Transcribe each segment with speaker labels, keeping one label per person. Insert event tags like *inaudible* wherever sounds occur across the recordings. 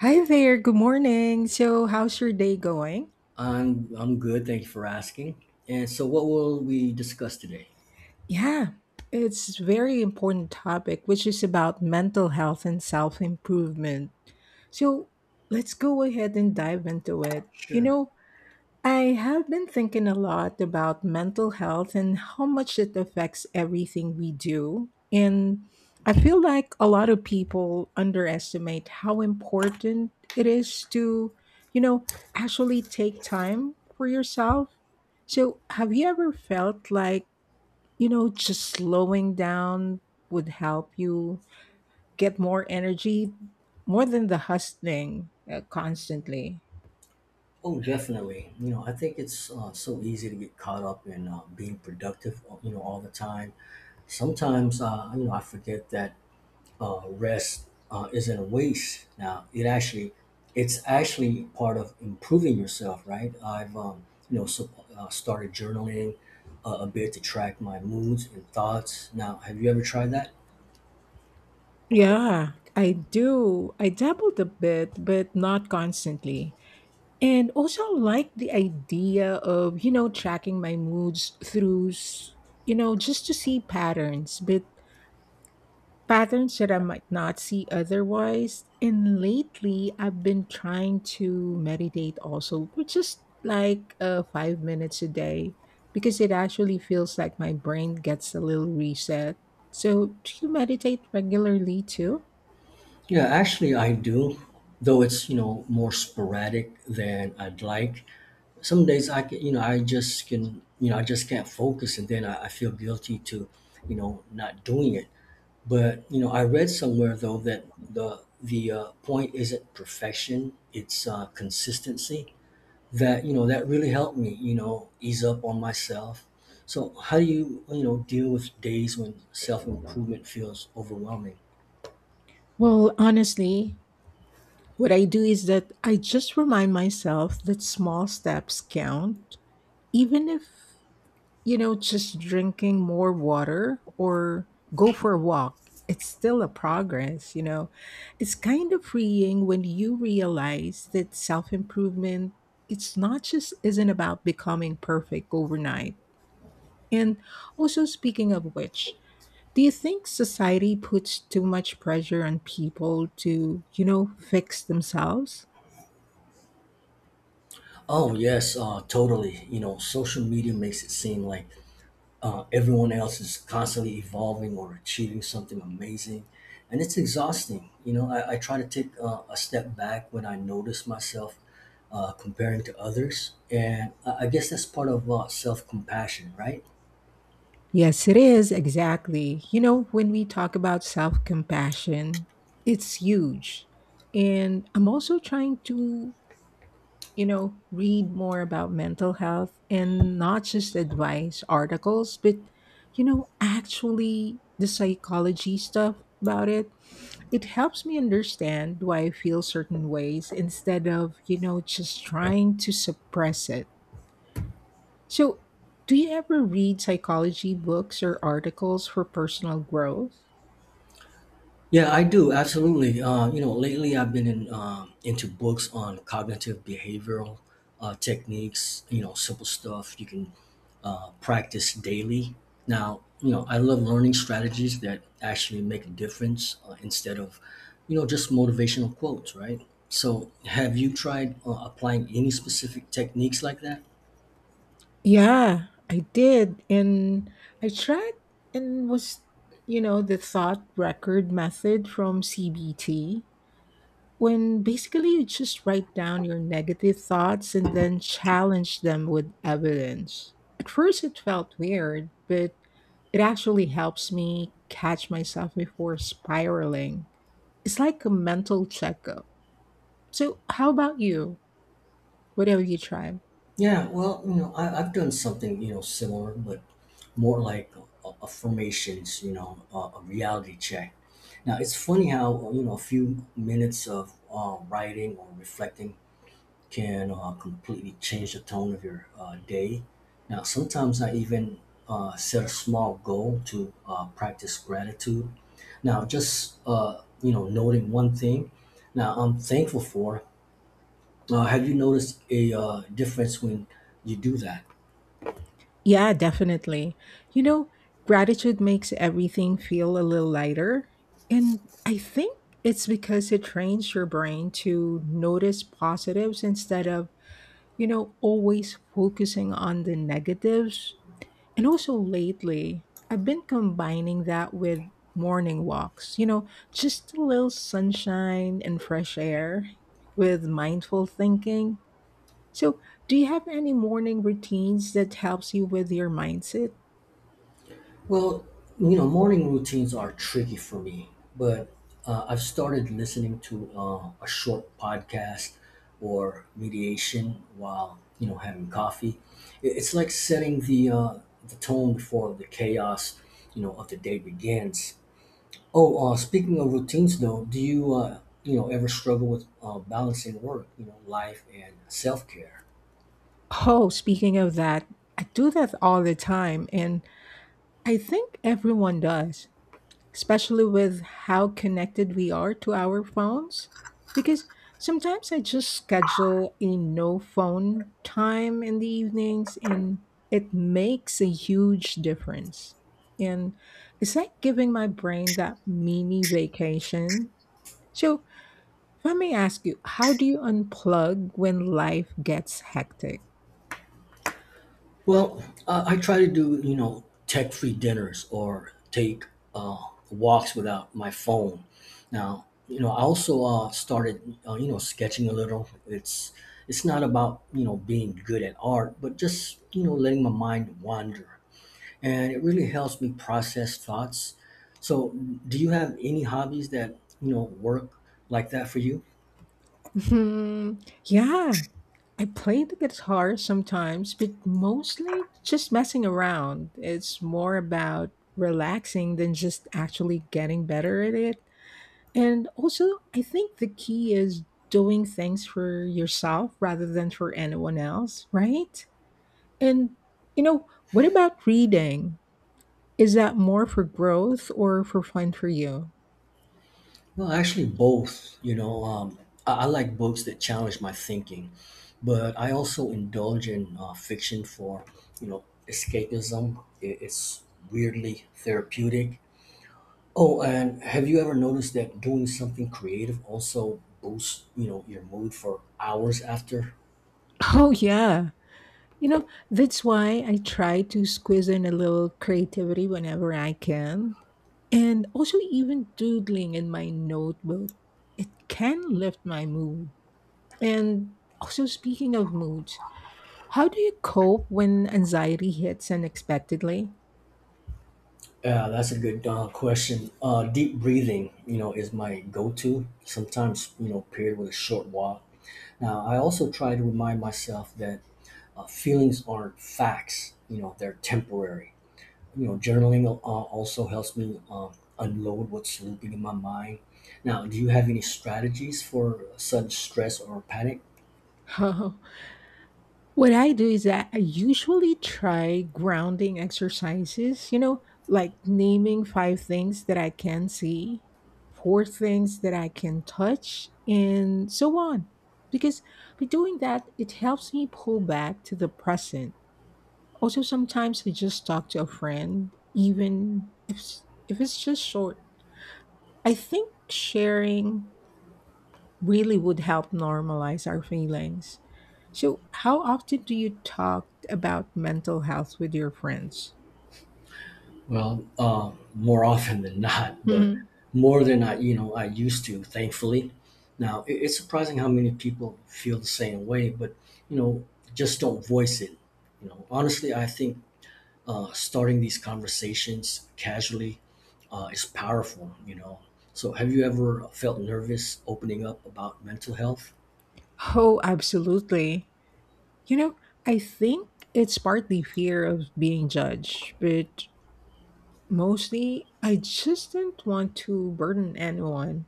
Speaker 1: Hi there, good morning. So, how's your day going?
Speaker 2: I'm good. Thank you for asking. And so, what will we discuss today?
Speaker 1: Yeah, it's very important topic which is about mental health and self-improvement. So, let's go ahead and dive into it. You
Speaker 2: Sure.
Speaker 1: know, I have been thinking a lot about mental health and how much it affects everything we do. And I feel like a lot of people underestimate how important it is to, you know, actually take time for yourself. So, have you ever felt like, just slowing down would help you get more energy more than the hustling constantly?
Speaker 2: Oh, definitely. You know, I think it's so easy to get caught up in being productive. You know, all the time. Sometimes, you know, I forget that rest isn't a waste. Now, it's actually part of improving yourself, right? I've started journaling a bit to track my moods and thoughts. Now, have you ever tried that?
Speaker 1: Yeah, I do. I dabbled a bit, but not constantly. And also like the idea of, you know, tracking my moods through, you know, just to see patterns, but patterns that I might not see otherwise. And lately, I've been trying to meditate also, which is like 5 minutes a day, because it actually feels like my brain gets a little reset. So, do you meditate regularly too?
Speaker 2: Yeah, actually, I do, though it's, you know, more sporadic than I'd like. Some days I can, you know, I just can, you know, I just can't focus, and then I feel guilty to, not doing it. But, you know, I read somewhere though that the point isn't perfection, it's consistency. That really helped me, you know, ease up on myself. So, how do you, you know, deal with days when self-improvement feels overwhelming?
Speaker 1: Well, honestly, what I do is that I just remind myself that small steps count, even if, just drinking more water or go for a walk. It's still a progress. It's kind of freeing when you realize that self improvement, it's not just isn't about becoming perfect overnight. And also, speaking of which, do you think society puts too much pressure on people to, fix themselves?
Speaker 2: Oh yes, totally. You know, social media makes it seem like everyone else is constantly evolving or achieving something amazing, and it's exhausting. You know, I try to take a step back when I notice myself comparing to others, and I guess that's part of self compassion, right?
Speaker 1: Yes, it is, exactly. You know, when we talk about self compassion, it's huge. And I'm also trying to, read more about mental health and not just advice articles, but, actually the psychology stuff about it. It helps me understand why I feel certain ways instead of, just trying to suppress it. So, do you ever read psychology books or articles for personal growth?
Speaker 2: Yeah, I do absolutely. You know, lately I've been into books on cognitive behavioral techniques. You know, simple stuff you can practice daily. Now, you know, I love learning strategies that actually make a difference instead of, you know, just motivational quotes, right? So, have you tried applying any specific techniques like that?
Speaker 1: Yeah, I did. And I tried and was, you know, the thought record method from CBT, when basically you just write down your negative thoughts and then challenge them with evidence. At first, it felt weird, but it actually helps me catch myself before spiraling. It's like a mental checkup. So, how about you? What have you tried?
Speaker 2: Yeah, well, you know, I've done something, you know, similar, but more like affirmations, you know, a reality check. Now, it's funny how, you know, a few minutes of writing or reflecting can completely change the tone of your day. Now, sometimes I even set a small goal to practice gratitude. Now, just, you know, noting one thing. Now, I'm thankful for. Have you noticed a difference when you do that?
Speaker 1: Yeah, definitely. You know, gratitude makes everything feel a little lighter. And I think it's because it trains your brain to notice positives instead of, always focusing on the negatives. And also lately, I've been combining that with morning walks, just a little sunshine and fresh air with mindful thinking. So, do you have any morning routines that helps you with your mindset?
Speaker 2: Well, you know, morning routines are tricky for me, but I've started listening to a short podcast or mediation while, you know, having coffee. It's like setting the, the tone before the chaos, you know, of the day begins. Oh, speaking of routines, though, do you, you know, ever struggle with balancing work, you know, life and self care?
Speaker 1: Oh, speaking of that, I do that all the time, and I think everyone does, especially with how connected we are to our phones. Because sometimes I just schedule a no phone time in the evenings and it makes a huge difference. And it's like giving my brain that mini vacation. So, if I may ask you, how do you unplug when life gets hectic? *laughs*
Speaker 2: Well, I try to do, you know, tech-free dinners or take uh, walks without my phone. Now, you know, I also started, you know, sketching a little. It's not about, you know, being good at art, but just, you know, letting my mind wander. And it really helps me process thoughts. So, do you have any hobbies that, you know, work like that for you?
Speaker 1: Hmm, yeah, I play the guitar sometimes, but mostly just messing around. It's more about relaxing than just actually getting better at it. And also, I think the key is doing things for yourself rather than for anyone else, right? And, you know, what about reading? Is that more for growth or for fun for you? *laughs*
Speaker 2: Well, actually, both. You know, I like books that challenge my thinking, but I also indulge in fiction for, you know, escapism. It's weirdly therapeutic. Oh, and have you ever noticed that doing something creative also boosts, you know, your mood for hours after?
Speaker 1: Oh, yeah. You know, that's why I try to squeeze in a little creativity whenever I can. And also, even doodling in my notebook, it can lift my mood. And also, speaking of moods, how do you cope when anxiety hits unexpectedly?
Speaker 2: Yeah, that's a good question. Deep breathing, you know, is my go-to. Sometimes, you know, paired with a short walk. Now, I also try to remind myself that feelings aren't facts, you know, they're temporary. You know, journaling also helps me unload what's looping in my mind. Now, do you have any strategies for such stress or panic?
Speaker 1: *laughs* What I do is that I usually try grounding exercises, you know, like naming five things that I can see, four things that I can touch, and so on. Because by doing that, it helps me pull back to the present. Also, sometimes I just talk to a friend, even if it's just short. I think sharing really would help normalize our feelings. So, how often do you talk about mental health with your friends?
Speaker 2: Well, more *laughs* often than not, but
Speaker 1: Mhm.
Speaker 2: more than you know, I used to, thankfully. Now, it's surprising how many people feel the same way, but, you know, just don't voice it. You know, honestly, I think starting these conversations casually is powerful, you know. So, have you ever felt nervous opening up about mental health?
Speaker 1: Oh, absolutely. You know, I think it's partly fear of being judged, but mostly I just didn't want to burden anyone.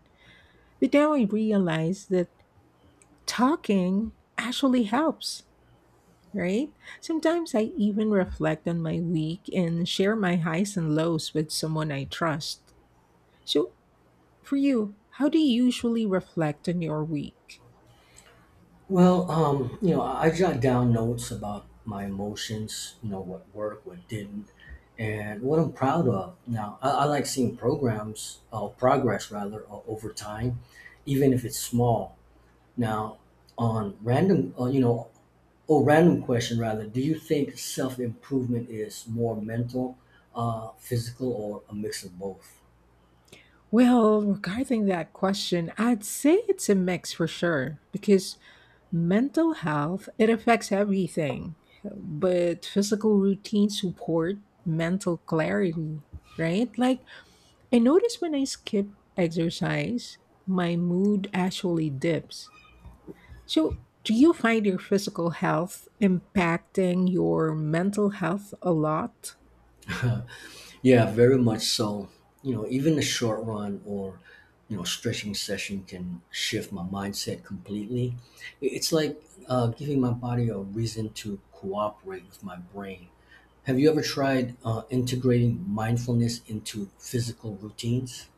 Speaker 1: But now I realize that talking actually helps, right? Sometimes I even reflect on my week and share my highs and lows with someone I trust. So, for you, how do you usually reflect on your week?
Speaker 2: Well, you know, I jot down notes about my emotions, you know, what worked, what didn't, and what I'm proud of. Now, I like seeing progress rather, over time, even if it's small. Now, on random, you know, Oh, random question rather. Do you think self improvement is more mental, physical, or a mix of both?
Speaker 1: Well, regarding that question, I'd say it's a mix for sure because mental health, it affects everything. But physical routine support mental clarity, right? Like I notice when I skip exercise, my mood actually dips. So, do you find your physical health impacting your mental health a lot?
Speaker 2: *laughs* Yeah, very much so. You know, even a short run or, you know, stretching session can shift my mindset completely. It's like giving my body a reason to cooperate with my brain. Have you ever tried integrating mindfulness into physical routines?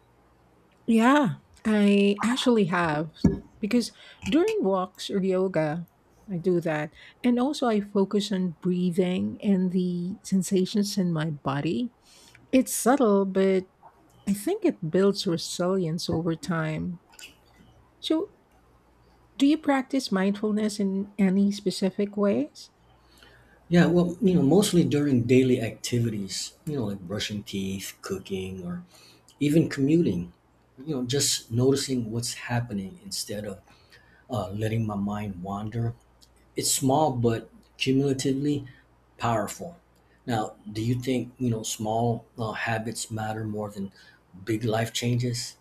Speaker 1: Yeah, I actually have. Because during walks or yoga, I do that. And also, I focus on breathing and the sensations in my body. It's subtle, but I think it builds resilience over time. So, do you practice mindfulness in any specific ways?
Speaker 2: Yeah, well, you know, mostly during daily activities, you know, like brushing teeth, cooking, or even commuting. You know, just noticing what's happening instead of letting my mind wander. It's small, but cumulatively powerful. Now, do you think, you know, small habits matter more than big life changes?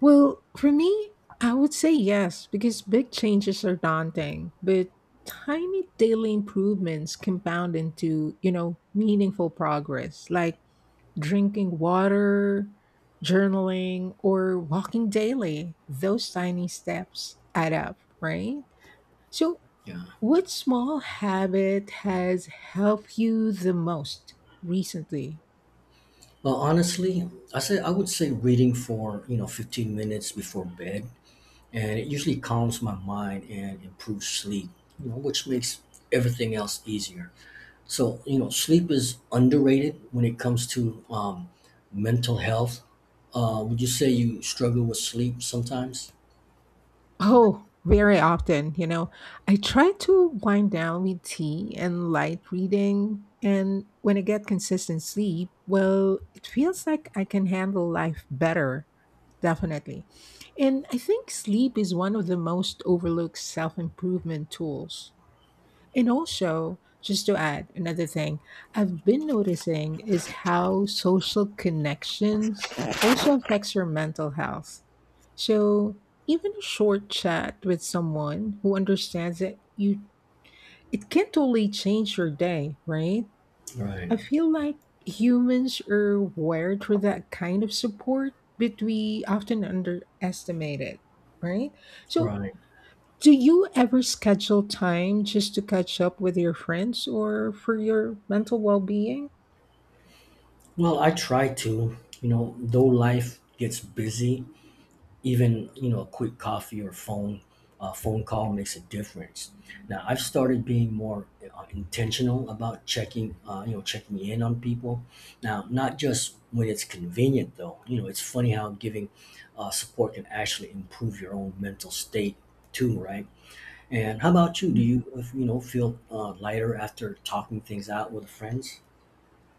Speaker 1: Well, for me, I would say yes, because big changes are daunting, but tiny daily improvements compound into, meaningful progress, like drinking water, journaling, or walking daily. Those tiny steps add up, right? So,
Speaker 2: Yeah.
Speaker 1: what small habit has helped you the most recently?
Speaker 2: Well, honestly, I would say reading for, you know, 15 minutes before bed, and it usually calms my mind and improves sleep, you know, which makes everything else easier. So, you know, sleep is underrated when it comes to, mental health. Would you say you struggle with sleep sometimes?
Speaker 1: Oh, very often, you know. I try to wind down with tea and light reading, and when I get consistent sleep, well, it feels like I can handle life better, definitely. And I think sleep is one of the most overlooked self improvement tools. And also, just to add another thing, I've been noticing is how social connections also affects your mental health. So even a short chat with someone who understands that you it can totally change your day, right?
Speaker 2: Right.
Speaker 1: I feel like humans are wired for that kind of support, but we often underestimate it, right? So
Speaker 2: Right.
Speaker 1: do you ever schedule time just to catch up with your friends or for your mental well being?
Speaker 2: Well, I try to, you know, though life gets busy, even, you know, a quick coffee or phone call makes a difference. Now, I've started being more intentional about checking you know checking in on people. Now, not just when it's convenient, though, you know, it's funny how giving support can actually improve your own mental state too, right? And how about you, do you if, you know, feel lighter after talking things out with friends?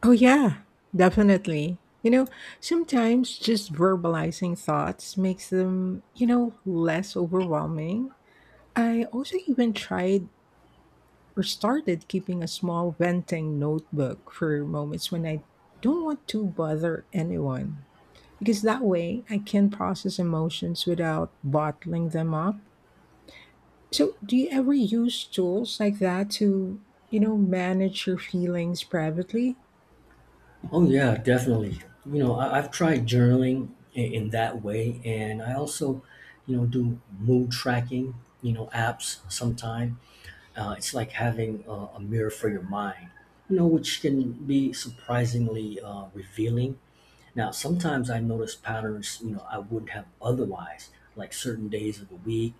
Speaker 1: Oh, yeah, definitely. Sometimes just verbalizing thoughts makes them, less overwhelming. I also even tried or started keeping a small venting notebook for moments when I don't want to bother anyone. Because that way I can process emotions without bottling them up. So, do you ever use tools like that to, manage your feelings privately?
Speaker 2: Oh yeah, definitely. You know, I've tried journaling in that way, and I also, you know, do mood tracking. You know, apps. Sometime it's like having a mirror for your mind. You know, which can be surprisingly revealing. Now, sometimes I notice patterns. You know, I wouldn't have otherwise, like certain days of the week,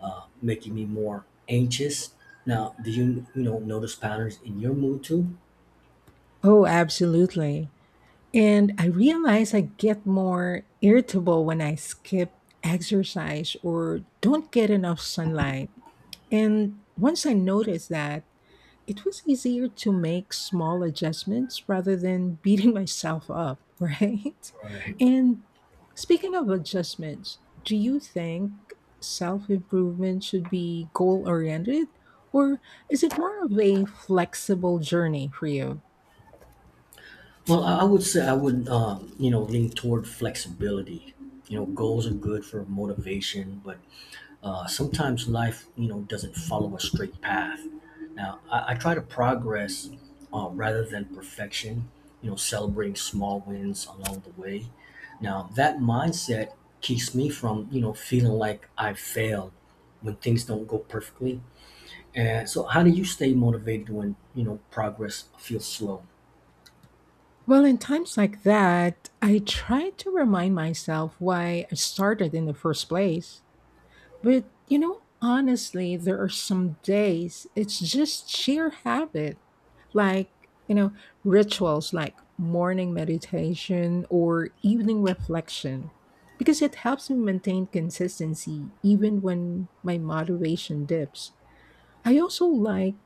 Speaker 2: making me more anxious. Now, do you, you know, notice patterns in your mood too?
Speaker 1: Oh, absolutely. And I realize I get more irritable when I skip exercise or don't get enough sunlight. And once I notice that, it was easier to make small adjustments rather than beating *laughs* myself up, right?
Speaker 2: Right.
Speaker 1: And speaking of adjustments, do you think self improvement should be goal oriented or is it more of a flexible journey for you?
Speaker 2: Well, I would, you know, lean toward flexibility. You know, goals are good for motivation, but sometimes life, you know, doesn't follow a straight path. Now, I try to progress rather than perfection. You know, celebrating small wins along the way. Now, that mindset keeps me from, you know, feeling like I failed when things don't go perfectly. And so, how do you stay motivated when, you know, progress feels slow?
Speaker 1: Well, in times like that, I try to remind myself why I started in the first place. But you know, honestly, there are some days it's just sheer habit. Like, rituals like morning meditation or evening reflection, because it helps me maintain consistency even when my motivation dips. I also like,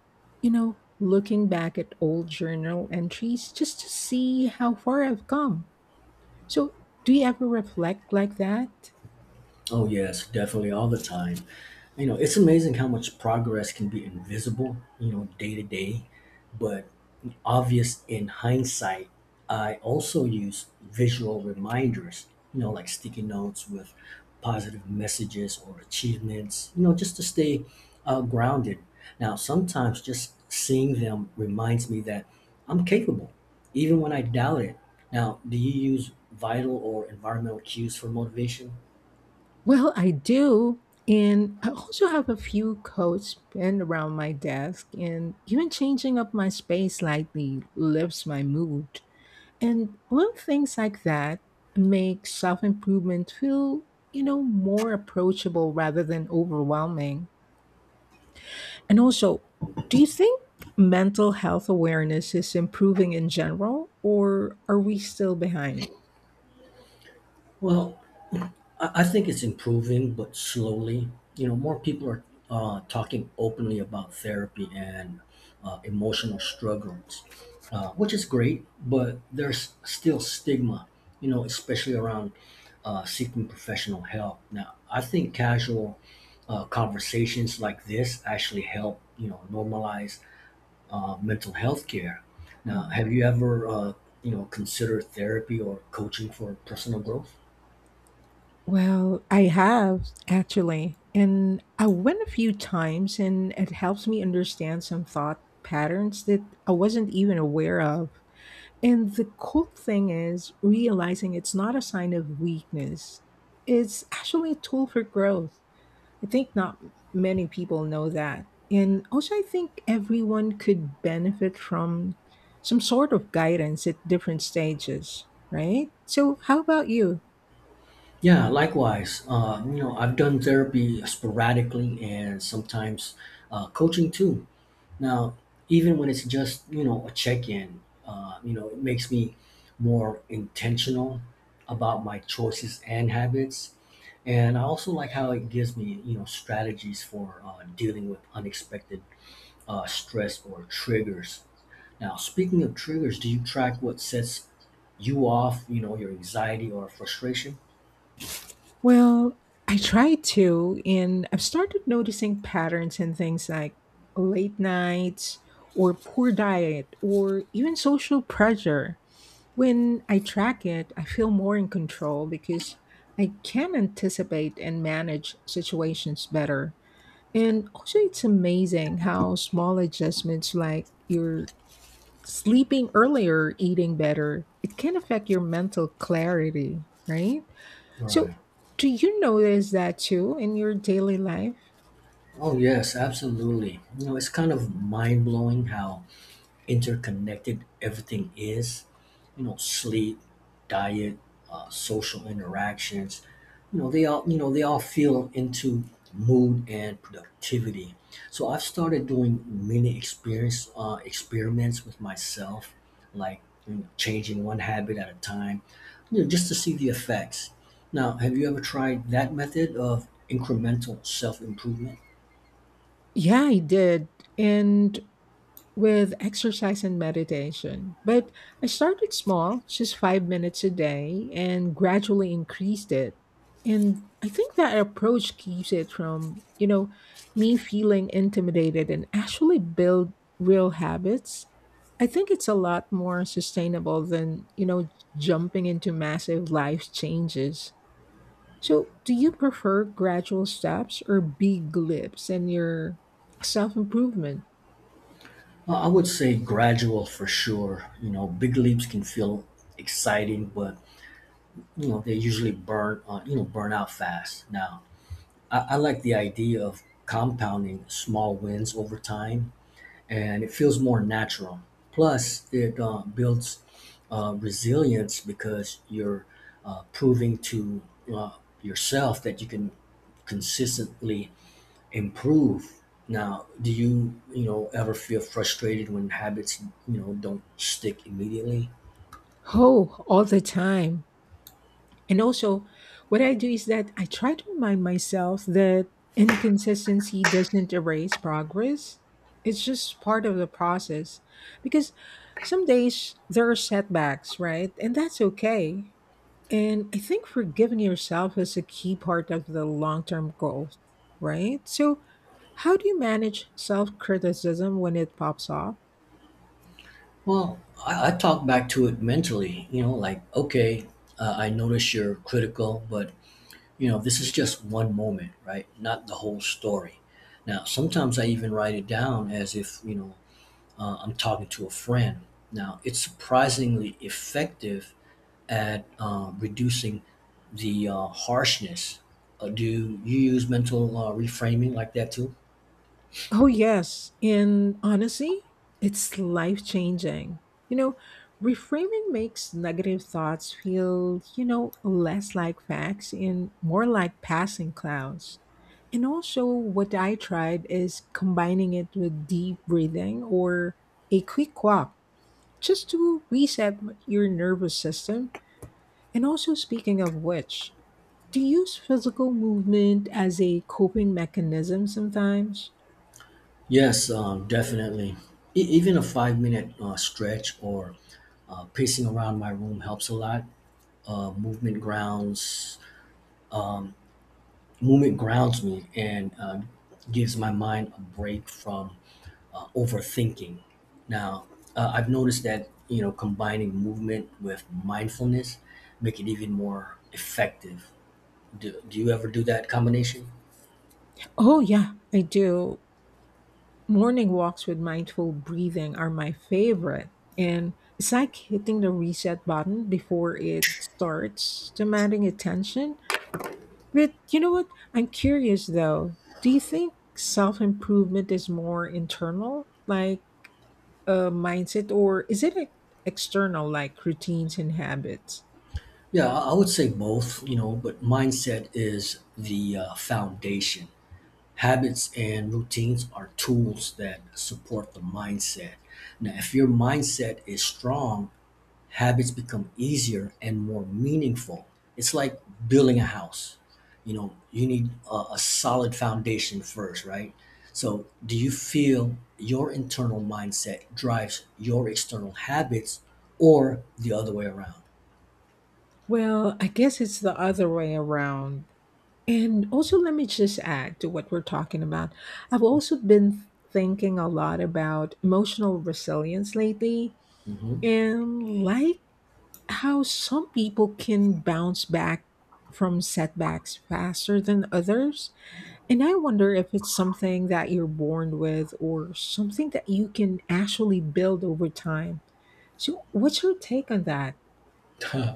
Speaker 1: looking back at old journal entries just to see how far I've come. So, do you ever reflect like that?
Speaker 2: Oh, yes, definitely, all the time. You know, it's amazing how much progress can be invisible, you know, day to day, but obvious in hindsight. I also use visual reminders, you know, like sticky notes with positive messages or achievements, you know, just to stay grounded. Now, sometimes just seeing them reminds me that I'm capable, even when I doubt it. Now, do you use vital or environmental cues for motivation?
Speaker 1: Well, I do. And I also have a few coats pinned around my desk, and even changing up my space slightly lifts my mood. And little things like that make self improvement feel, more approachable rather than overwhelming. And also, do you think mental health awareness is improving in general, or are we still behind?
Speaker 2: Well, I think it's improving, but slowly. You know, more people are talking openly about therapy and emotional struggles, which is great, but there's still stigma, you know, especially around seeking professional help. Now, I think casual conversations like this actually help, you know, normalize mental health care. Now, have you ever, you know, considered therapy or coaching for personal growth?
Speaker 1: Well, I have actually, and I went a few times, and it helps me understand some thought patterns that I wasn't even aware of. And the cool thing is realizing it's not a sign of weakness, it's actually a tool for growth. I think not many people know that. And also, I think everyone could benefit from some sort of guidance at different stages, right? So, how about you?
Speaker 2: Yeah, likewise. You know, I've done therapy sporadically and sometimes coaching too. Now, even when it's just, you know, a check in, you know, it makes me more intentional about my choices and habits. And I also like how it gives me, you know, strategies for dealing with unexpected stress or triggers. Now, speaking of triggers, do you track what sets you off, you know, your anxiety or frustration?
Speaker 1: Well, I try to, and I've started noticing patterns in things like late nights or poor diet or even social pressure. When I track it, I feel more in control because I can anticipate and manage situations better. And also, it's amazing how small adjustments like your sleeping earlier, eating better, it can affect your mental clarity, right? So,
Speaker 2: Right.
Speaker 1: do you notice that too in your daily life?
Speaker 2: Oh, yes, absolutely. You know, it's kind of mind blowing how interconnected everything is. You know, sleep, diet, social interactions. You know, they all feel into mood and productivity. So I've started doing mini experience experiments with myself, like, you know, changing one habit at a time, you know, just to see the effects. Now, have you ever tried that method of incremental self improvement?
Speaker 1: Yeah, I did. And with exercise and meditation. But I started small, just 5 minutes a day, and gradually increased it. And I think that approach keeps it from, me feeling intimidated and actually build real habits. I think it's a lot more sustainable than, jumping into massive life changes. So, do you prefer gradual steps or big leaps in your self improvement?
Speaker 2: I would say gradual for sure. You know, big leaps can feel exciting, but you know they usually burn out fast. Now, I like the idea of compounding small wins over time, and it feels more natural. Plus, it builds resilience because you're proving to uh, yourself that you can consistently improve. Now, do you, you know, ever feel frustrated when habits, you know, don't stick immediately?
Speaker 1: Oh, all the time. And also, what I do is that I try to remind myself that inconsistency doesn't erase progress. It's just part of the process. Because some days there are setbacks, right? And that's okay. And I think forgiving yourself is a key part of the long term growth, right? So, how do you manage self criticism when it pops up?
Speaker 2: Well, I talk back to it mentally, you know, like, okay, I notice you're critical, but, you know, this is just one moment, right? Not the whole story. Now, sometimes I even write it down as if, you know, I'm talking to a friend. Now, it's surprisingly effective at reducing the harshness. Do you use mental reframing like that too?
Speaker 1: Oh, yes. And honestly, it's life changing. You know, reframing makes negative thoughts feel, you know, less like facts and more like passing clouds. And also, what I tried is combining it with deep breathing or a quick walk just to reset your nervous system. And also, speaking of which, do you use physical movement as a coping mechanism sometimes?
Speaker 2: Yes, definitely. Even a 5 minute stretch or pacing around my room helps a lot. Movement grounds um, movement grounds me and gives my mind a break from overthinking. Now, I've noticed that you know combining movement with mindfulness make it even more effective. Do you ever do that combination?
Speaker 1: Oh, yeah, I do. Morning walks with mindful breathing are my favorite. And it's like hitting the reset button before it starts demanding attention. But you know what? I'm curious though. Do you think self improvement is more internal, like a mindset, or is it like, external, like routines and habits?
Speaker 2: Yeah, I would say both, you know, but mindset is the foundation. Habits and routines are tools that support the mindset. Now, if your mindset is strong, habits become easier and more meaningful. It's like building a house. You know, you need a solid foundation first, right? So, do you feel your internal mindset drives your external habits or the other way around?
Speaker 1: Well, I guess it's the other way around. And also, let me just add to what we're talking about. I've also been thinking a lot about emotional resilience lately
Speaker 2: Hmm.
Speaker 1: and like how some people can bounce back from setbacks faster than others. And I wonder if it's something that you're born with or something that you can actually build over time. So, what's your take on that?
Speaker 2: *laughs*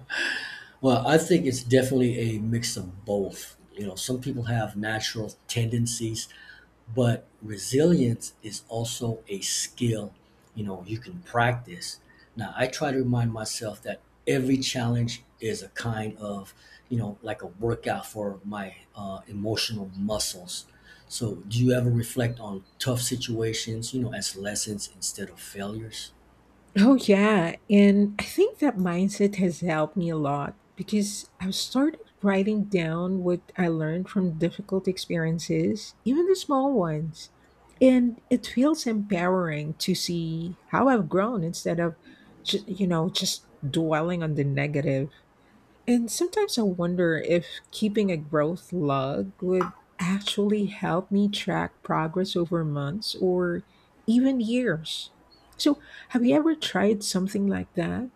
Speaker 2: Well, I think it's definitely a mix of both. You know, some people have natural tendencies but resilience is also a skill you know you can practice. Now I try to remind myself that every challenge is a kind of, you know, like a workout for my emotional muscles. So do you ever reflect on tough situations, you know, as lessons instead of failures?
Speaker 1: Oh, yeah. And I think that mindset has helped me a lot because I've started writing down what I learned from difficult experiences, even the small ones. And it feels empowering to see how I've grown instead of, you know, just dwelling on the negative. And sometimes I wonder if keeping a growth log would actually help me track progress over months or even years. So, have you ever tried something like that?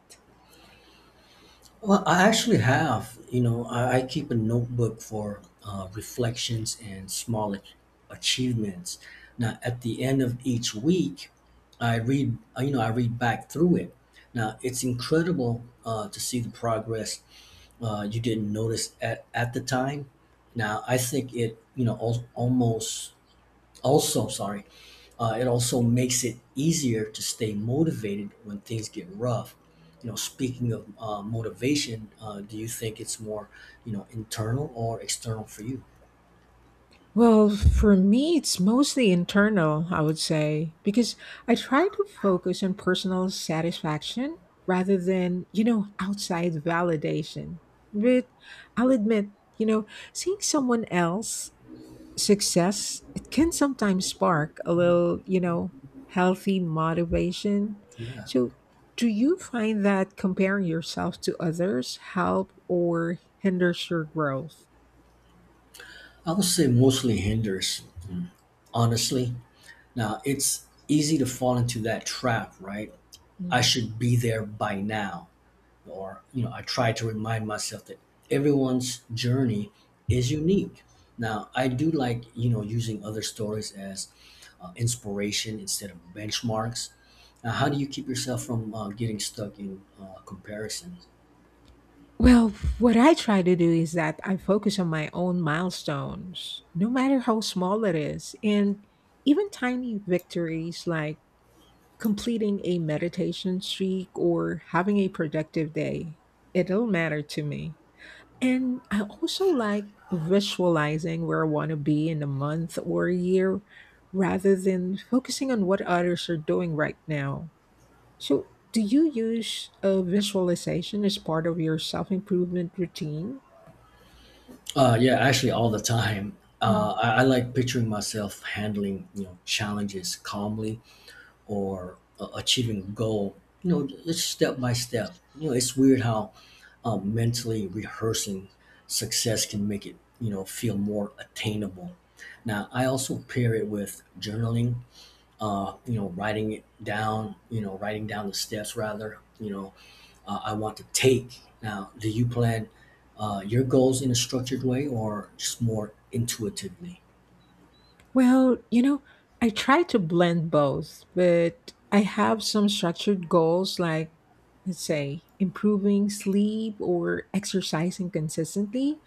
Speaker 2: Well, I actually have. You know, I keep a notebook for reflections and small achievements. Now, at the end of each week, I read. You know, I read back through it. Now, it's incredible to see the progress you didn't notice at the time. Now, I think it. You know, al- almost also sorry it also makes it easier to stay motivated when things get rough. You know, speaking of motivation, do you think it's more, you know, internal or external for you?
Speaker 1: Well, for me, it's mostly internal, I would say, because I try to focus on personal satisfaction rather than, you know, outside validation. But I'll admit, you know, seeing someone else success, it can sometimes spark a little, you know, healthy motivation.
Speaker 2: Yeah,
Speaker 1: So, do you find that comparing yourself to others help or hinders your growth?
Speaker 2: I would say mostly hinders. Mm, honestly. Now it's easy to fall into that trap, right? I
Speaker 1: Mhm.
Speaker 2: should be there by now. Or, you know, I try to remind myself that everyone's journey is unique. Now I do like, you know, using other stories as inspiration instead of benchmarks. Now how do you keep yourself from getting stuck in comparison?
Speaker 1: Well, what I try to do is that I focus on my own milestones, no matter how small it is, and even tiny victories like completing a meditation streak or having a productive day. It'll matter to me. And I also like visualizing where I want to be in a month or a year rather than focusing on what others are doing right now. So, do you use a visualization as part of your self improvement routine?
Speaker 2: Yeah, actually all the time.
Speaker 1: Mhm.
Speaker 2: I like picturing myself handling, you know, challenges calmly or achieving a goal, you know, it's step by step. You know, it's weird how mentally rehearsing success can make it, you know, feel more attainable. Now, I also pair it with journaling, writing down the steps rather, I want to take. Now, do you plan your goals in a structured way or just more intuitively?
Speaker 1: Well, you know, I try to blend both, but I have some structured goals like, let's say, improving sleep or exercising consistently.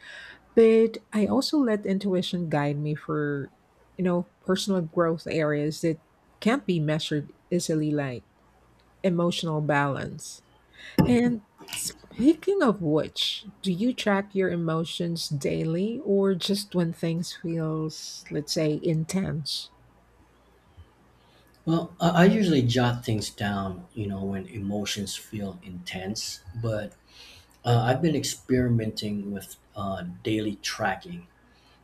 Speaker 1: But I also let intuition guide me for, you know, personal growth areas that can't be measured easily, like emotional balance. And speaking of which, do you track your emotions daily or just when things feels, let's say, intense?
Speaker 2: Well, I usually jot things down, you know, when emotions feel intense, but I've been experimenting with daily tracking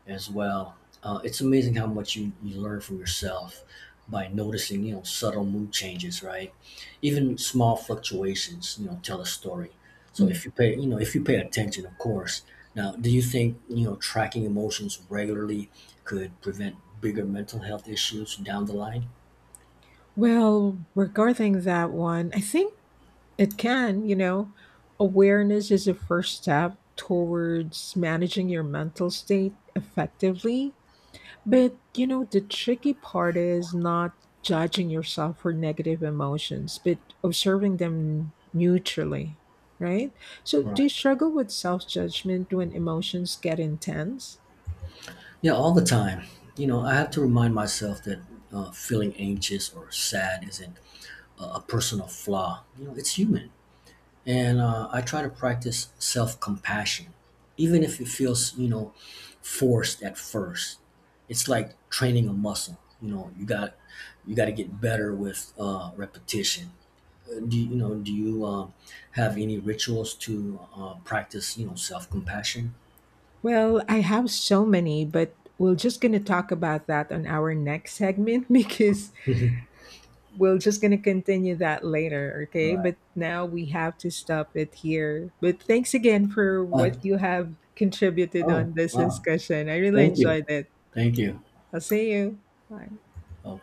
Speaker 2: as well. It's amazing how much you learn from yourself by noticing, you know, subtle mood changes, right? Even small fluctuations, you know, tell a story. So
Speaker 1: Mm.
Speaker 2: if you pay, attention, of course. Now, do you think, you know, tracking emotions regularly could prevent bigger mental health issues down the line?
Speaker 1: Well, regarding that one, I think it can, you know, awareness is a first step towards managing your mental state effectively. But you know, the tricky part is not judging yourself for negative emotions, but observing them neutrally, right? So,
Speaker 2: Right.
Speaker 1: do you struggle with self judgment when emotions get intense?
Speaker 2: Yeah, all the time. You know, I have to remind myself that feeling anxious or sad isn't a personal flaw. You know, it's human. And I try to practice self compassion, even if it feels, you know, forced at first. It's like training a muscle. You know, you got to get better with repetition. Do you, you know? Do you have any rituals to practice, you know, self compassion?
Speaker 1: Well, I have so many, but we're just going to talk about that on our next segment *laughs* because
Speaker 2: *laughs*
Speaker 1: we're just going to continue that later, okay?
Speaker 2: Right.
Speaker 1: But now we have to stop it here. But thanks again for
Speaker 2: Uh,
Speaker 1: what you have contributed
Speaker 2: oh
Speaker 1: on this
Speaker 2: wow!
Speaker 1: discussion. I really
Speaker 2: Thank you.
Speaker 1: enjoyed it.
Speaker 2: Thank you.
Speaker 1: I'll see you. Bye.
Speaker 2: Okay.